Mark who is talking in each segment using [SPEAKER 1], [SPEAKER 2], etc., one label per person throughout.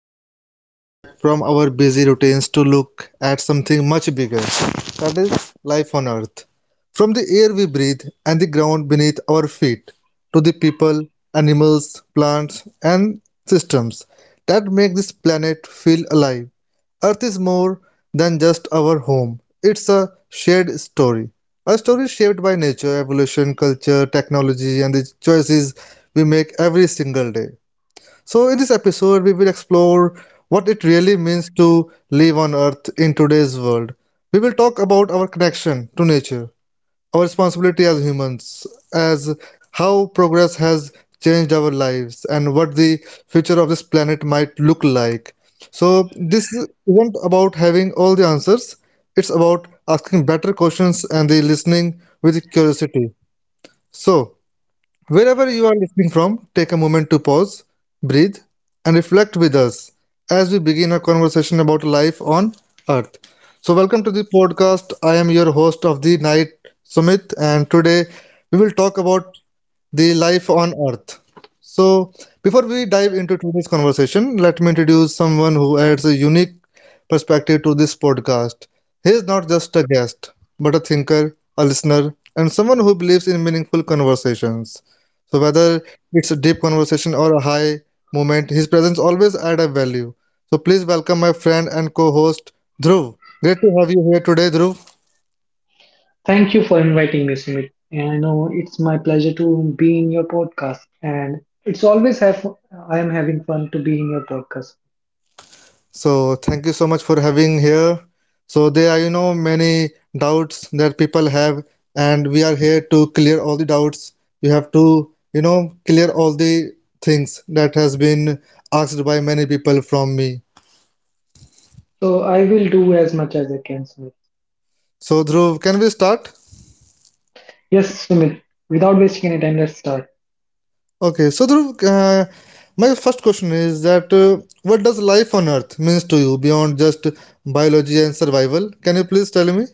[SPEAKER 1] we are stepping back from our busy routines to look at something much bigger, that is, life on Earth. From the air we breathe and the ground beneath our feet, to the people, animals, plants, and systems that make this planet feel alive. Earth is more than just our home, it's a shared story. A story shaped by nature, evolution, culture, technology, and the choices we make every single day. So, in this episode, we will explore what it really means to live on Earth in today's world. We will talk about our connection to nature, our responsibility as humans, as how progress has changed our lives and what the future of this planet might look like. So, this isn't about having all the answers, it's about asking better questions and the listening with curiosity. So, wherever you are listening from, take a moment to pause, breathe, and reflect with us as we begin a conversation about life on Earth. So, welcome to the podcast. I am your host of the night, Sumit, and today we will talk about the life on Earth. So, before we dive into today's conversation, let me introduce someone who adds a unique perspective to this podcast. He is not just a guest, but a thinker, a listener, and someone who believes in meaningful conversations. So whether it's a deep conversation or a high moment, his presence always adds a value. So please welcome my friend and co-host Dhruv. Great to have you here today, Dhruv.
[SPEAKER 2] Thank you for inviting me, Sumit. And I know it's my pleasure to be in your podcast. And it's always have I am having fun to be in your podcast.
[SPEAKER 1] So thank you so much for having here. So there are many doubts that people have, and we are here to clear all the doubts. You have to clear all the things that has been asked by many people from me.
[SPEAKER 2] So I will do as much as I can, Sumit.
[SPEAKER 1] So Dhruv, can we start?
[SPEAKER 2] Yes, Sumit. Without wasting any time, let's start.
[SPEAKER 1] Okay, so Dhruv, my first question is that what does life on Earth means to you beyond just biology and survival? Can you please tell me?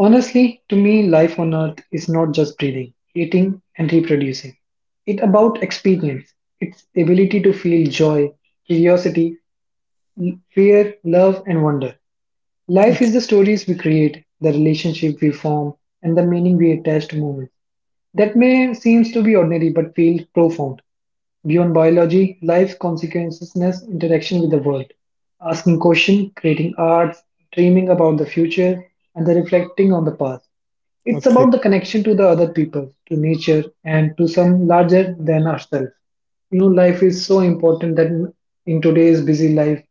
[SPEAKER 2] Honestly, to me, life on Earth is not just breathing, eating, and reproducing. It's about experience. It's ability to feel joy, curiosity, fear, love, and wonder. Life is the stories we create, the relationship we form, and the meaning we attach to moments. That may seems to be ordinary but feel profound. Beyond biology, life's consequences, interaction with the world, asking questions, creating art, dreaming about the future, and the reflecting on the past. It's
[SPEAKER 1] Okay.
[SPEAKER 2] about the connection to the other people, to nature, and to some larger than ourselves. Life is so important that in today's busy life,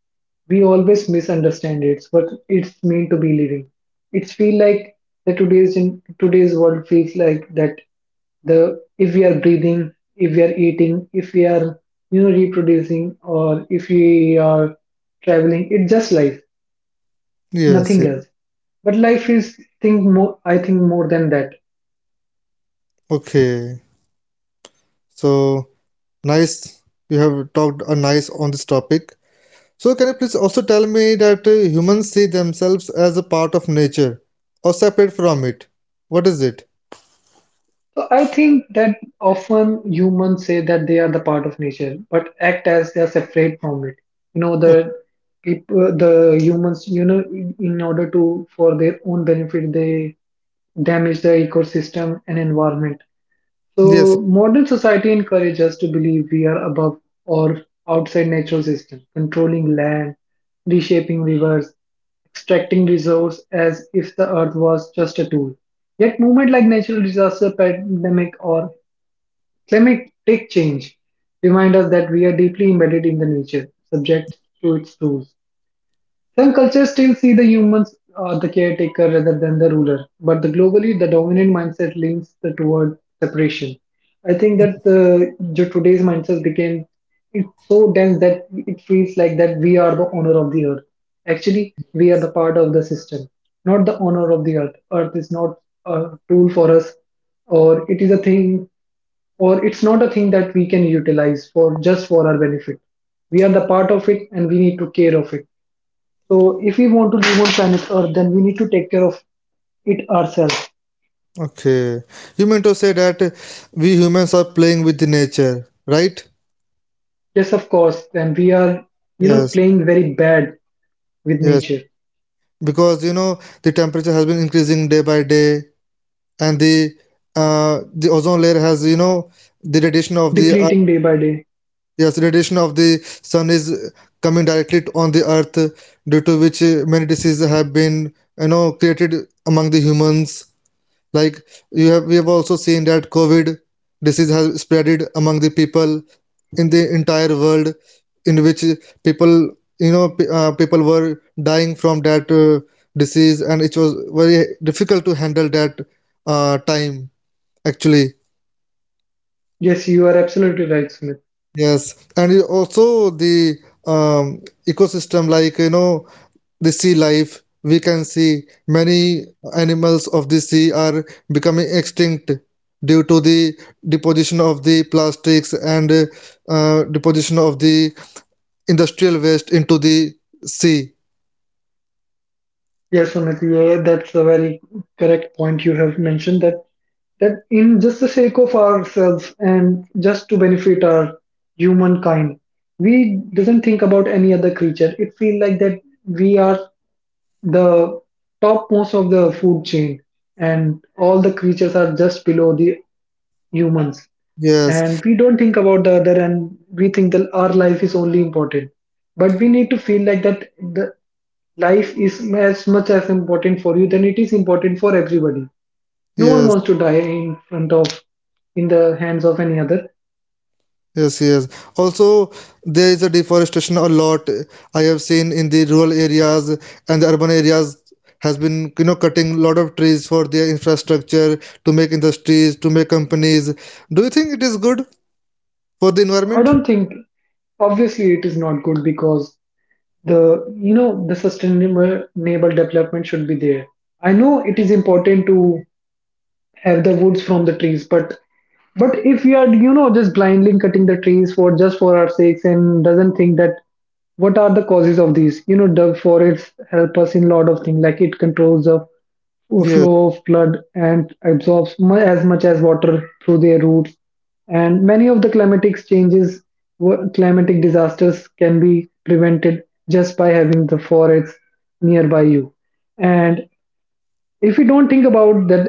[SPEAKER 2] we always misunderstand it, what it's mean to be living. It's feel like the today's in today's world feels like that the if we are breathing, if we are eating, if we are reproducing, or if we are traveling, it's just life,
[SPEAKER 1] Yes.
[SPEAKER 2] nothing
[SPEAKER 1] Yes.
[SPEAKER 2] else. But life is, think more I think more than that.
[SPEAKER 1] Okay. So nice. You have talked a nice on this topic. So can you please also tell me that humans see themselves as a part of nature or separate from it? What is it?
[SPEAKER 2] So, I think that often humans say that they are the part of nature, but act as they are separate from it. You know,
[SPEAKER 1] Okay.
[SPEAKER 2] the people, the humans, in order to for their own benefit, they damage the ecosystem and environment.
[SPEAKER 1] Yes.
[SPEAKER 2] So modern society encourages us to believe we are above or outside natural system, controlling land, reshaping rivers, extracting resource as if the earth was just a tool. Yet movement like natural disaster, pandemic, or climatic change remind us that we are deeply embedded in the nature, subject to its rules. Some cultures still see the humans or the caretaker rather than the ruler, but the globally, the dominant mindset leans toward separation. I think that the today's mindset became, it's so dense that it feels like that we are the owner of the earth. Actually, we are the part of the system, not the owner of the earth. Earth is not a tool for us, or it is a thing, or it's not a thing that we can utilize for just for our benefit. We are the part of it, and we need to care of it. So, if we want to live on planet Earth, then we need to take care of it ourselves.
[SPEAKER 1] Okay. You mean to say that we humans are playing with the nature, right?
[SPEAKER 2] Yes, of course. Then we are
[SPEAKER 1] Yes.
[SPEAKER 2] playing very bad with
[SPEAKER 1] Yes.
[SPEAKER 2] nature,
[SPEAKER 1] Because the temperature has been increasing day by day, and the ozone layer has the radiation of the earth,
[SPEAKER 2] depleting day by day.
[SPEAKER 1] yes radiation of the sun is coming directly on the earth, due to which many diseases have been created among the humans, like you have, we have also seen that COVID disease has spreaded among the people in the entire world, in which people, people were dying from that disease, and it was very difficult to handle that time actually.
[SPEAKER 2] Yes, you are absolutely right, Sumit.
[SPEAKER 1] Yes, and it also the ecosystem, like the sea life. We can see many animals of the sea are becoming extinct due to the deposition of the plastics and deposition of the industrial waste into the sea.
[SPEAKER 2] Yes, Sumit, yeah, that's a very correct point you have mentioned, that in just the sake of ourselves and just to benefit our humankind, we doesn't think about any other creature. It feels like that we are the topmost of the food chain, and all the creatures are just below the humans.
[SPEAKER 1] Yes,
[SPEAKER 2] And we don't think about the other, and we think that our life is only important. But we need to feel like that the life is as much as important for you than it is important for everybody. No one
[SPEAKER 1] yes.
[SPEAKER 2] wants to die in the hands of any other.
[SPEAKER 1] Yes, yes. Also, there is a deforestation a lot. I have seen in the rural areas and the urban areas has been, cutting lot of trees for their infrastructure, to make industries, to make companies. Do you think it is good for the
[SPEAKER 2] I
[SPEAKER 1] environment?
[SPEAKER 2] don't think, obviously, it is not good, because the you know the sustainable development should be there. I know it is important to have the woods from the trees, but if we are just blindly cutting the trees for just for our sakes, and doesn't think that what are the causes of these. The forests help us in a lot of things, like it controls the
[SPEAKER 1] Yes,
[SPEAKER 2] flow of blood and absorbs as much as water through their roots, and many of the climatic changes, climatic disasters, can be prevented just by having the forests nearby you. And if we don't think about that,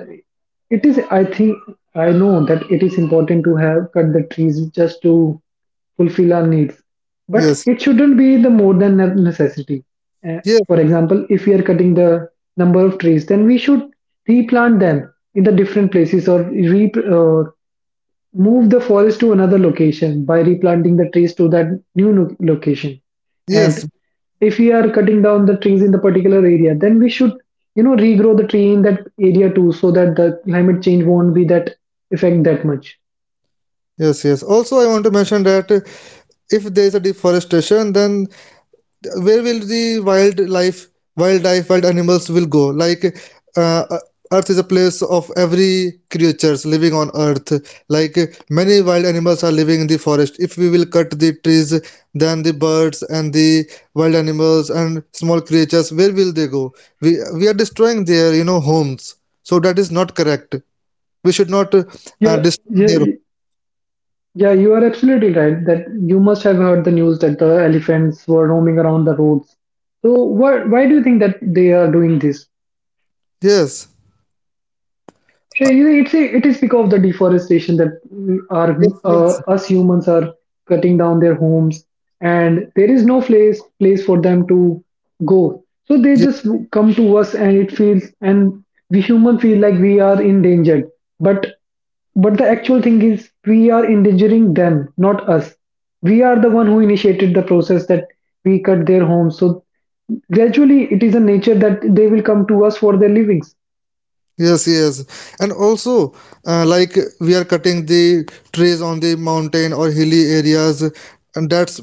[SPEAKER 2] it is I think I know that it is important to have cut the trees just to fulfill our needs, but
[SPEAKER 1] yes,
[SPEAKER 2] it shouldn't be the more than necessity. Uh,
[SPEAKER 1] yes,
[SPEAKER 2] for example, if we are cutting the number of trees, then we should replant them in the different places, or move the forest to another location by replanting the trees to that new location.
[SPEAKER 1] yes,
[SPEAKER 2] And if we are cutting down the trees in the particular area, then we should, regrow the tree in that area too, so that the climate change won't be that effect that much.
[SPEAKER 1] yes, yes. Also, I want to mention that if there is a deforestation, then where will the wildlife wild animals will go, like uh, uh, earth is a place of every creatures living on earth, like many wild animals are living in the forest. If we will cut the trees, then the birds and the wild animals and small creatures, where will they go? We are destroying their homes, so that is not correct. We should not
[SPEAKER 2] Yeah,
[SPEAKER 1] destroy their...
[SPEAKER 2] yeah, yeah, you are absolutely right that you must have heard the news that the elephants were roaming around the roads. So why do you think that they are doing this?
[SPEAKER 1] Yes,
[SPEAKER 2] Yeah, it is because of the deforestation that we are
[SPEAKER 1] yes, yes,
[SPEAKER 2] us humans are cutting down their homes, and there is no place for them to go. So they just
[SPEAKER 1] yes.
[SPEAKER 2] come to us, and we human feel like we are endangered. But the actual thing is we are endangering them, not us. We are the one who initiated the process that we cut their homes. So gradually, it is a nature that they will come to us for their livings.
[SPEAKER 1] Yes, yes, and also like we are cutting the trees on the mountain or hilly areas, and that's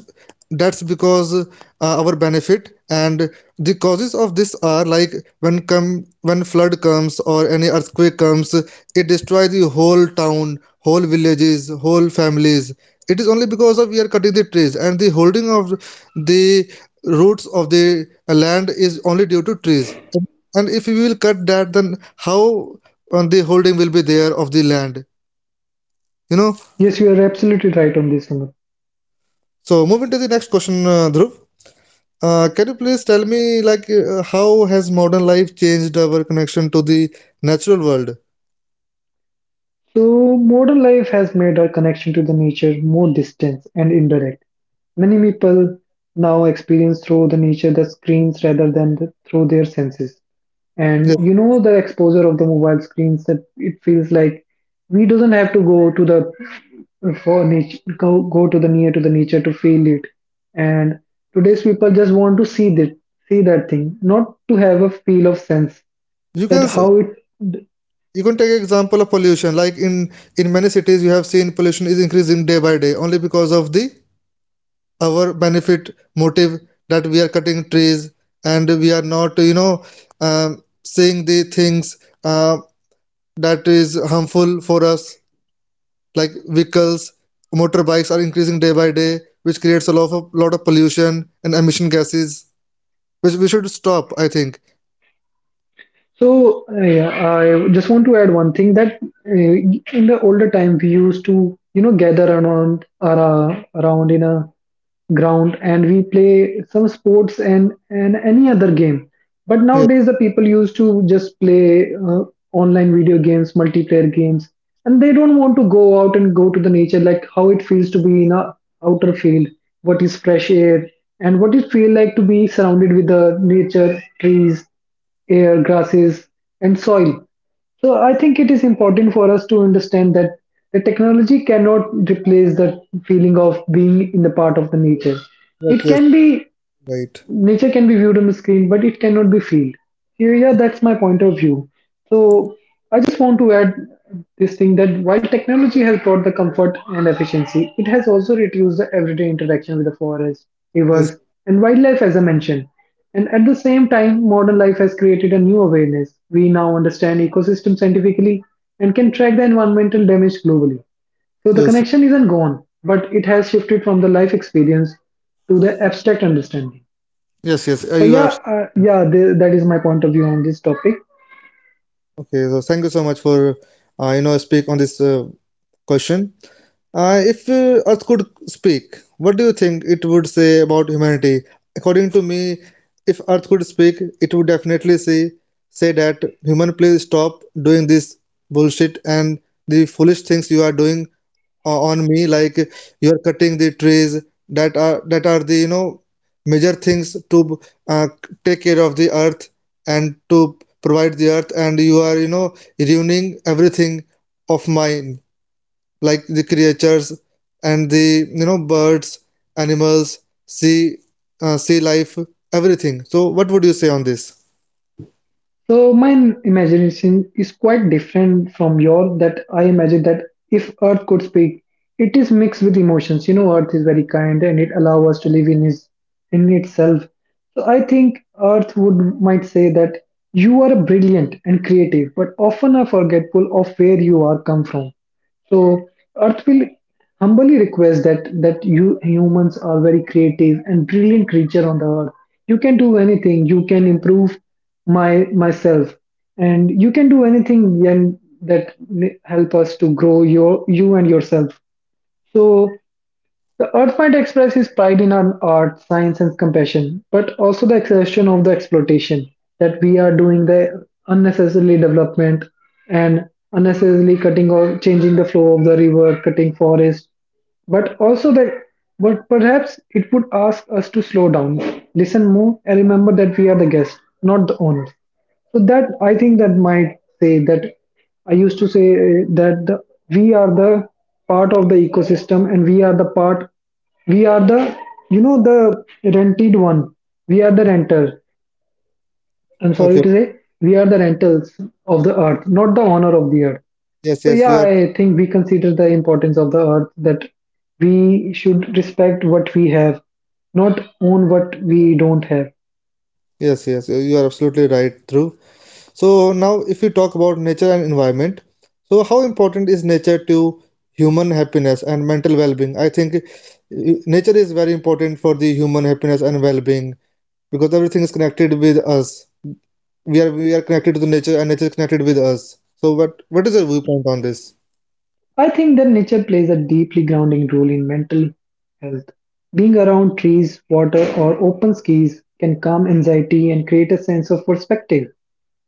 [SPEAKER 1] that's because our benefit, and the causes of this are, like, when flood comes or any earthquake comes, it destroys the whole town, whole villages, whole families. It is only because of we are cutting the trees, and the holding of the roots of the land is only due to trees, and if we will cut that, then how the holding will be there of the land you know
[SPEAKER 2] Yes, you are absolutely right on this one.
[SPEAKER 1] so moving to the next question, Dhruv, can you please tell me, like how has modern life changed our connection to the natural world?
[SPEAKER 2] So, modern life has made our connection to the nature more distant and indirect. Many people now experience through the nature the screens rather than through their senses. And
[SPEAKER 1] Yes.
[SPEAKER 2] the exposure of the mobile screens, that it feels like we doesn't have to go to the for nature go to the near to the nature to feel it, and today's people just want to see that thing, not to have a feel of sense
[SPEAKER 1] you can
[SPEAKER 2] that
[SPEAKER 1] s-
[SPEAKER 2] how it.
[SPEAKER 1] you can take example of pollution, like in many cities you have seen pollution is increasing day by day, only because of the our benefit motive, that we are cutting trees, and we are not um, seeing the things uh, that is harmful for us, like vehicles, motorbikes are increasing day by day, which creates a lot of pollution and emission gases, which we should stop, I think.
[SPEAKER 2] So yeah, I just want to add one thing, that in the older time we used to gather around, around in a ground, and we play some sports and any other game. But nowadays
[SPEAKER 1] Yes,
[SPEAKER 2] the people used to just play online video games, multiplayer games, and they don't want to go out and go to the nature, like how it feels to be in a outer field, what is fresh air, and what it feel like to be surrounded with the nature, trees, air, grasses, and soil. So I think it is important for us to understand that the technology cannot replace the feeling of being in the part of the nature.
[SPEAKER 1] yes,
[SPEAKER 2] It
[SPEAKER 1] yes,
[SPEAKER 2] can be
[SPEAKER 1] right.
[SPEAKER 2] nature can be viewed on the screen, but it cannot be felt. Yeah, yeah, that's my point of view. So I just want to add this thing, that while technology has brought the comfort and efficiency, it has also reduced the everyday interaction with the forest,
[SPEAKER 1] Yes,
[SPEAKER 2] rivers, and wildlife, as I mentioned. And at the same time, modern life has created a new awareness. We now understand ecosystem scientifically and can track the environmental damage globally. So the
[SPEAKER 1] yes,
[SPEAKER 2] connection isn't gone, but it has shifted from the life experience to the abstract understanding.
[SPEAKER 1] yes, yes.
[SPEAKER 2] So
[SPEAKER 1] You are
[SPEAKER 2] yeah,
[SPEAKER 1] absolutely
[SPEAKER 2] yeah, that is my point of view on this topic.
[SPEAKER 1] okay. So thank you so much for speak on this question. If Earth could speak, what do you think it would say about humanity? According to me, if Earth could speak, it would definitely say that human, please stop doing this bullshit and the foolish things you are doing on me. Like you are cutting the trees, that are the major things to uh, take care of the Earth and to provide the Earth, and you are ruining everything of mine, like the creatures and the birds, animals, sea, sea life, everything. So what would you say on this?
[SPEAKER 2] So my imagination is quite different from your, that I imagine that if Earth could speak, it is mixed with emotions. Earth is very kind and it allows us to live in is in itself. So I think Earth would might say that you are brilliant and creative, but often are forgetful of where you are come from. So Earth will humbly request that you humans are very creative and brilliant creature on the earth. You can do anything. You can improve my myself, and you can do anything and that help us to grow you and yourself. So the Earth might express his pride in our art, science, and compassion, but also the expression of the exploitation that we are doing, the unnecessarily development and unnecessarily cutting or changing the flow of the river, cutting forest, but also that, but perhaps it would ask us to slow down, listen more, and remember that we are the guest, not the owners. So that I think that might say that I used to say we are the part of the ecosystem, and we are the part, we are the you know the rented one. We are the renters. I'm sorry
[SPEAKER 1] Okay.
[SPEAKER 2] to say, we are the rentals of the earth, not the owner of the earth.
[SPEAKER 1] Yes,
[SPEAKER 2] So
[SPEAKER 1] yes,
[SPEAKER 2] yeah,
[SPEAKER 1] you are.
[SPEAKER 2] I think we consider the importance of the earth, that we should respect what we have, not own what we don't have.
[SPEAKER 1] Yes, yes, you are absolutely right, Dhruv. So now, if you talk about nature and environment, so how important is nature to human happiness and mental well-being? I think nature is very important for the human happiness and well-being, because everything is connected with us. We are connected to the nature, and nature is connected with us, so what is your viewpoint on this?
[SPEAKER 2] I think that nature plays a deeply grounding role in mental health. Being around trees, water, or open skies can calm anxiety and create a sense of perspective.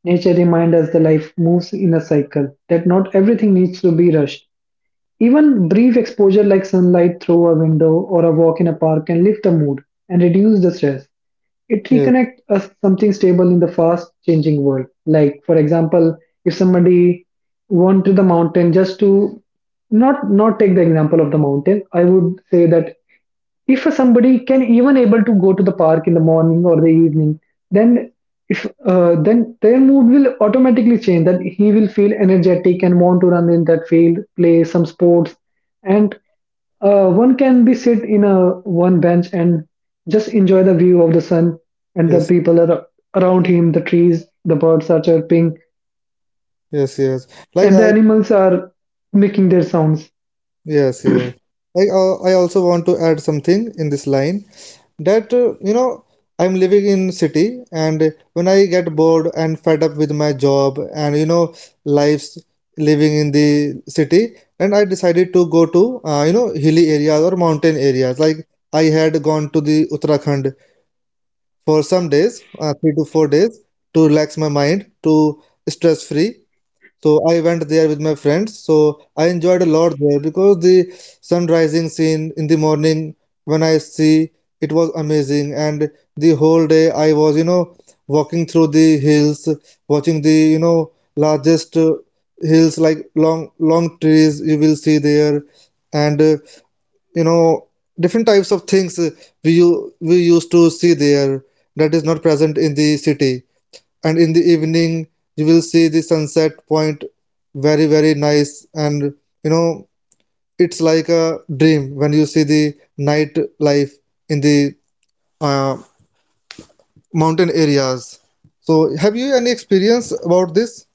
[SPEAKER 2] Nature reminds us that life moves in a cycle, that not everything needs to be rushed. Even brief exposure like sunlight through a window or a walk in a park can lift the mood and reduce the stress. It
[SPEAKER 1] Yes,
[SPEAKER 2] reconnects us something stable in the fast changing world, like for example if somebody went to the mountain just to not take the example of the mountain. I would say that if somebody can even able to go to the park in the morning or the evening, then if then their mood will automatically change, that he will feel energetic and want to run in that field, play some sports. And one can be sit in a one bench and just enjoy the view of the sun and the
[SPEAKER 1] yes,
[SPEAKER 2] people are around him, the trees, the birds are chirping,
[SPEAKER 1] yes, yes. like
[SPEAKER 2] and the
[SPEAKER 1] I
[SPEAKER 2] animals are making their sounds.
[SPEAKER 1] Yes, yes. Like I also want to add something in this line, that I'm living in city, and when I get bored and fed up with my job and life's living in the city, and I decided to go to hilly areas or mountain areas, like I had gone to the Uttarakhand for some days, 3 to 4 days, to relax my mind, to stress free. So I went there with my friends. So I enjoyed a lot there, because the sun rising scene in the morning when I see, it was amazing, and the whole day I was, walking through the hills, watching the, largest hills, like long long trees you will see there, and you know different types of things, we used to see there, that is not present in the city, and in the evening you will see the sunset point, very very nice, and you know it's like a dream when you see the night life in the uh, mountain areas. So, have you any experience about this?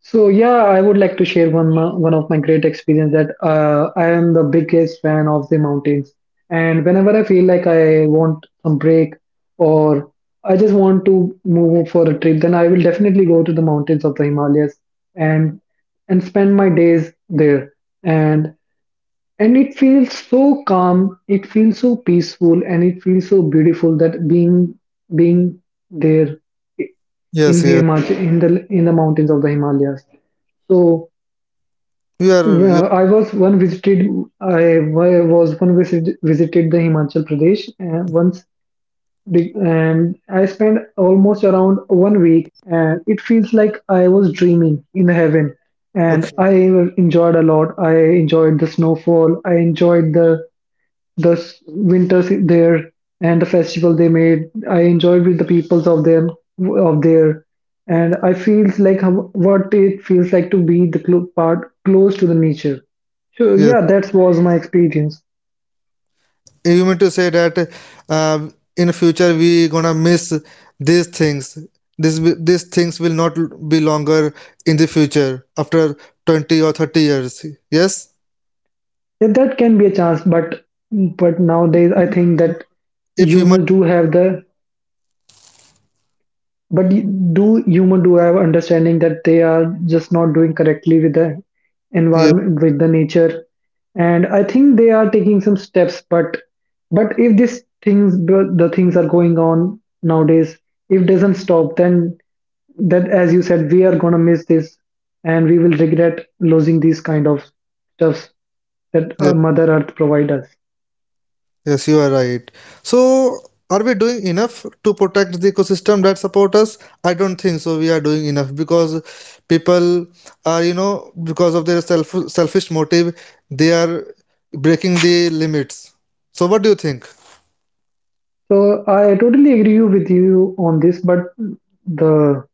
[SPEAKER 2] So yeah, I would like to share one one of my great experience that I am the biggest fan of the mountains, and whenever I feel like I want some break, or I just want to move for a trip, then I will definitely go to the mountains of the Himalayas and spend my days there. And it feels so calm, it feels so peaceful, and it feels so beautiful that being there in
[SPEAKER 1] Yes,
[SPEAKER 2] the
[SPEAKER 1] yes.
[SPEAKER 2] in the mountains of the Himalayas. So
[SPEAKER 1] you are you
[SPEAKER 2] well, I was one visited. I visited the Himachal Pradesh once, and I spent almost around 1 week. And it feels like I was dreaming in heaven. And
[SPEAKER 1] okay.
[SPEAKER 2] I enjoyed a lot. I enjoyed the snowfall. I enjoyed the the winters there and the festival they made. I enjoyed with the peoples of them of there, and I feels like how, what it feels like to be the part close to the nature. So
[SPEAKER 1] Yes.
[SPEAKER 2] yeah, that was my experience.
[SPEAKER 1] You mean to say that uh, in future we gonna miss these things, these things will not be longer in the future after 20 or 30 years? Yes.
[SPEAKER 2] Yeah, that can be a chance, but nowadays I think that
[SPEAKER 1] if human
[SPEAKER 2] humans do have the. But y- do human do have understanding that they are just not doing correctly with the
[SPEAKER 1] Yeah,
[SPEAKER 2] environment, with the nature, and I think they are taking some steps. But if these things, the things are going on nowadays, if doesn't stop, then that, as you said, we are gonna miss this, and we will regret losing these kind of stuffs that
[SPEAKER 1] yeah.
[SPEAKER 2] Mother Earth provide us.
[SPEAKER 1] Yes, you are right. So, are we doing enough to protect the ecosystem that support us? I don't think so, we are doing enough, because people are, because of their selfish motive, they are breaking the limits, so what do you think?
[SPEAKER 2] So I totally agree with you on this, but the,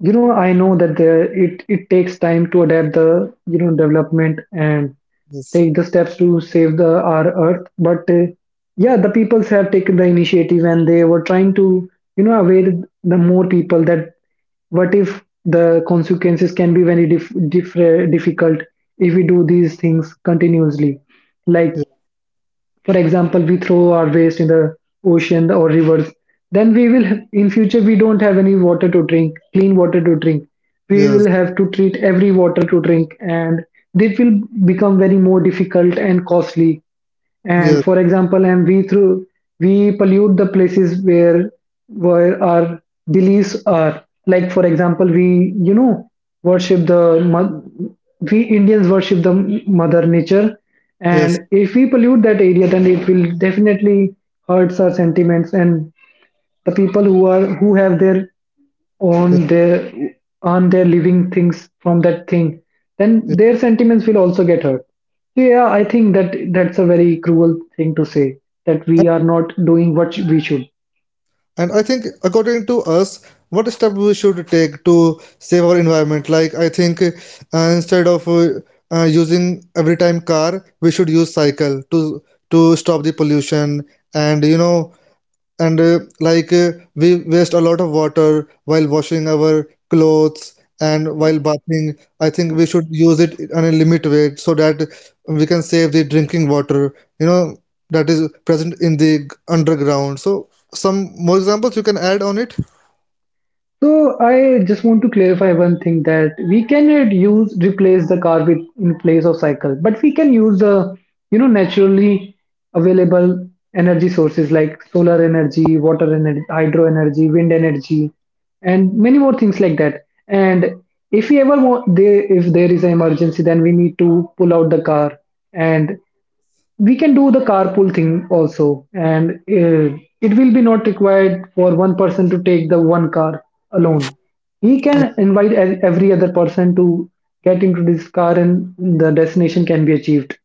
[SPEAKER 2] you know, I know that there it takes time to adapt the, you know, development and
[SPEAKER 1] Yes.
[SPEAKER 2] take the steps to save the our earth, but yeah, the peoples have taken the initiative and they were trying to, you know, aware the more people that what if the consequences can be very difficult if we do these things continuously. Like for example, we throw our waste in the ocean or rivers, then we will have, in future we don't have any water to drink, clean water to drink. We
[SPEAKER 1] Yes,
[SPEAKER 2] will have to treat every water to drink, and this will become very more difficult and costly.
[SPEAKER 1] yes,
[SPEAKER 2] And for example, and we through, we pollute the places where our beliefs are. Like for example, we, you know, worship the mo- we Indians worship the mother nature,
[SPEAKER 1] yes,
[SPEAKER 2] and if we pollute that area, then it will definitely hurts our sentiments, and the people who are who have their
[SPEAKER 1] yes,
[SPEAKER 2] own their earn their living things from that thing. Then
[SPEAKER 1] yes.
[SPEAKER 2] their sentiments will also get hurt. So yeah, I think that that's a very cruel thing to say, that we are
[SPEAKER 1] And,
[SPEAKER 2] not doing what we should.
[SPEAKER 1] and I think, according to us, what step we should take to save our environment? Like, I think instead of using every time car, we should use cycle to stop the pollution. And and like we waste a lot of water while washing our clothes and while bathing. I think we should use it on a limit way, so that we can save the drinking water, you know, that is present in the underground. So, some more examples you can add on it.
[SPEAKER 2] So I just want to clarify one thing, that we cannot use replace the car with in place of cycle, but we can use the, you know, naturally available energy sources like solar energy, water energy, hydro energy, wind energy, and many more things like that. And if we ever want, they, if there is an emergency, then we need to pull out the car, and we can do the carpool thing also, and it will be not required for one person to take the one car alone. He can invite every other person to get into this car, and the destination can be achieved.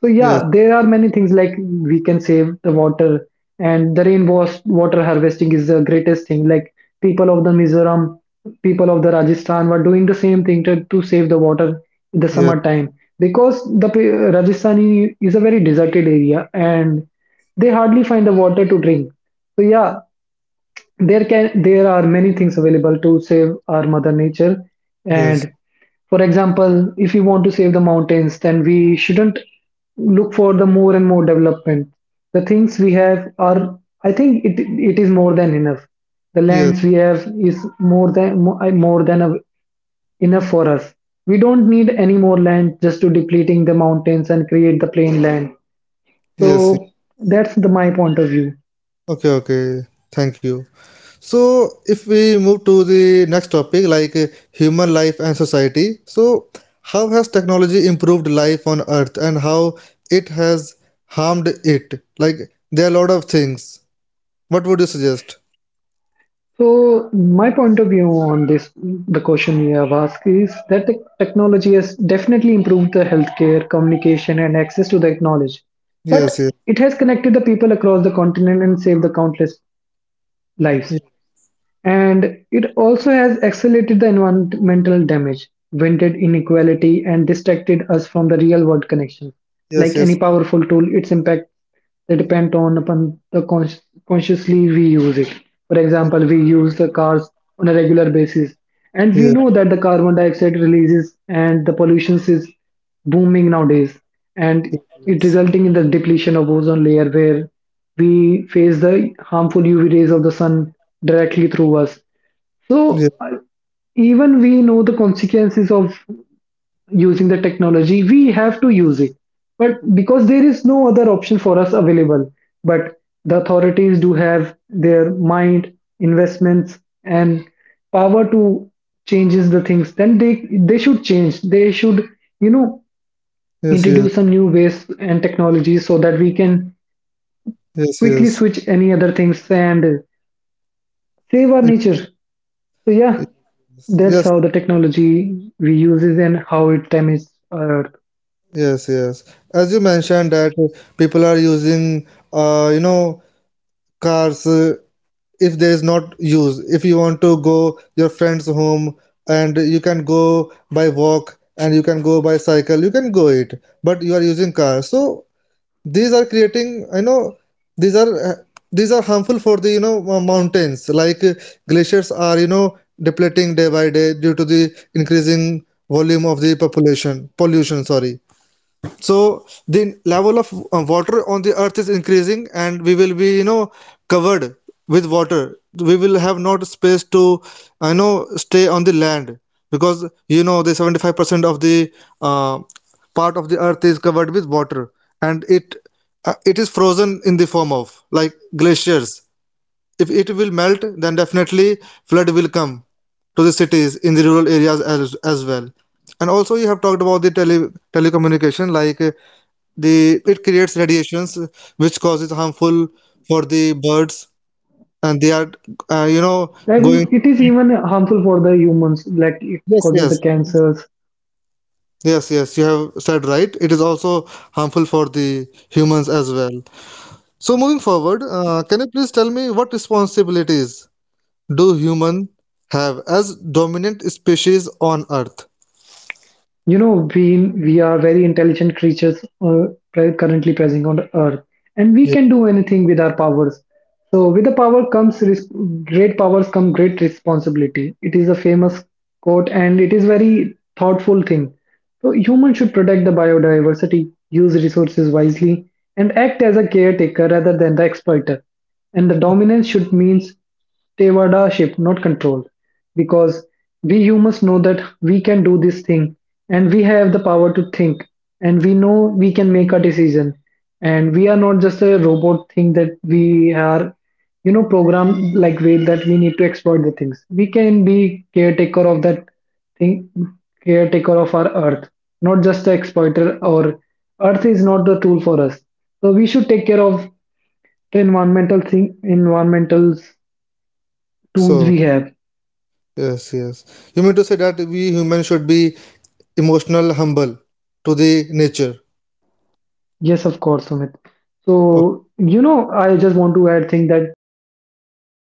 [SPEAKER 2] So
[SPEAKER 1] Yes,
[SPEAKER 2] yeah, there are many things, like we can save the water and the water harvesting is the greatest thing. Like people of the Mizoram, people of the Rajasthan were doing the same thing to save the water in the
[SPEAKER 1] yes,
[SPEAKER 2] summertime, because the Rajasthan is a very deserted area and they hardly find the water to drink. So yeah, there can there are many things available to save our mother nature.
[SPEAKER 1] yes,
[SPEAKER 2] And for example, if we want to save the mountains, then we shouldn't look for the more and more development. The things we have are, I think it is more than enough. The
[SPEAKER 1] yes,
[SPEAKER 2] lands we have is more than more than enough for us. We don't need any more land just to depleting the mountains and create the plain land. So
[SPEAKER 1] yes.
[SPEAKER 2] that's the my point of view.
[SPEAKER 1] Okay, okay. Thank you. So, if we move to the next topic, like human life and society, so how has technology improved life on Earth, and how it has harmed it? Like, there are a lot of things. What would you suggest?
[SPEAKER 2] So my point of view on this, the question you have asked, is that the technology has definitely improved the healthcare, communication, and access to the knowledge, but
[SPEAKER 1] Yes, yes,
[SPEAKER 2] it has connected the people across the continent and saved the countless lives,
[SPEAKER 1] ye-
[SPEAKER 2] and it also has accelerated the environmental damage, vented inequality, and distracted us from the real world connections.
[SPEAKER 1] yes,
[SPEAKER 2] Like any
[SPEAKER 1] yes,
[SPEAKER 2] powerful tool, its impact, they depend on upon the consciously we use it. For example,
[SPEAKER 1] yes,
[SPEAKER 2] we use the cars on a regular basis, and we
[SPEAKER 1] yes, yes,
[SPEAKER 2] know that the carbon dioxide releases and the pollution is booming nowadays, and it
[SPEAKER 1] yes,
[SPEAKER 2] resulting in the depletion of ozone layer, where we face the harmful UV rays of the sun directly through us. So
[SPEAKER 1] yes,
[SPEAKER 2] even we know the consequences of using the technology, we have to use it. But because there is no other option for us available, but the authorities do have their mind, investments, and power to changes the things, then they should change. They should, you know,
[SPEAKER 1] yes,
[SPEAKER 2] introduce some new ways and technologies so that we can quickly
[SPEAKER 1] yes.
[SPEAKER 2] switch any other things and save our nature. So yeah,
[SPEAKER 1] Yes,
[SPEAKER 2] that's
[SPEAKER 1] yes,
[SPEAKER 2] how the technology we uses and how it damages our earth.
[SPEAKER 1] yes, yes. As you mentioned that people are using, uh, you know, cars, if there is not use, if you want to go your friend's home, and you can go by walk and you can go by cycle, you can go it, but you are using car, so these are creating, I know, these are uh, these are harmful for the mountains, like glaciers are depleting day by day due to the increasing volume of the population pollution sorry. So the level of water on the earth is increasing, and we will be, covered with water. We will have not space to stay on the land, because the 75% of the uh, part of the earth is covered with water, and it is frozen in the form of like glaciers. If it will melt, then definitely flood will come to the cities, in the rural areas as well. And also you have talked about the telecommunication, like the it creates radiations, which causes harmful for the birds, and they are uh, you know
[SPEAKER 2] I
[SPEAKER 1] going.
[SPEAKER 2] mean, it is even harmful for the humans, like it
[SPEAKER 1] Yes,
[SPEAKER 2] causes the
[SPEAKER 1] yes,
[SPEAKER 2] cancers.
[SPEAKER 1] yes, yes. You have said right, it is also harmful for the humans as well. So moving forward, can you please tell me what responsibilities do human have as dominant species on earth?
[SPEAKER 2] You know, we are very intelligent creatures currently present on Earth, and we
[SPEAKER 1] Yeah.
[SPEAKER 2] can do anything with our powers. So, with the power comes great powers come great responsibility. It is a famous quote, and it is very thoughtful thing. So, humans should protect the biodiversity, use resources wisely, and act as a caretaker rather than the exploiter. And the dominance should means Tevada ship, not control. Because we humans know that we can do this thing, and we have the power to think, and we know we can make a decision, and we are not just a robot thing that we are, you know, programmed like way, that we need to exploit the things. We can be caretaker of that thing, caretaker of our earth, not just the exploiter. Or earth is not the tool for us, so we should take care of the environmental thing, environmental tools
[SPEAKER 1] So,
[SPEAKER 2] we have.
[SPEAKER 1] yes, yes. You mean to say that we humans should be emotional humble to the nature?
[SPEAKER 2] Yes, of course, Sumit. So, you know, I just want to add thing that yeah, as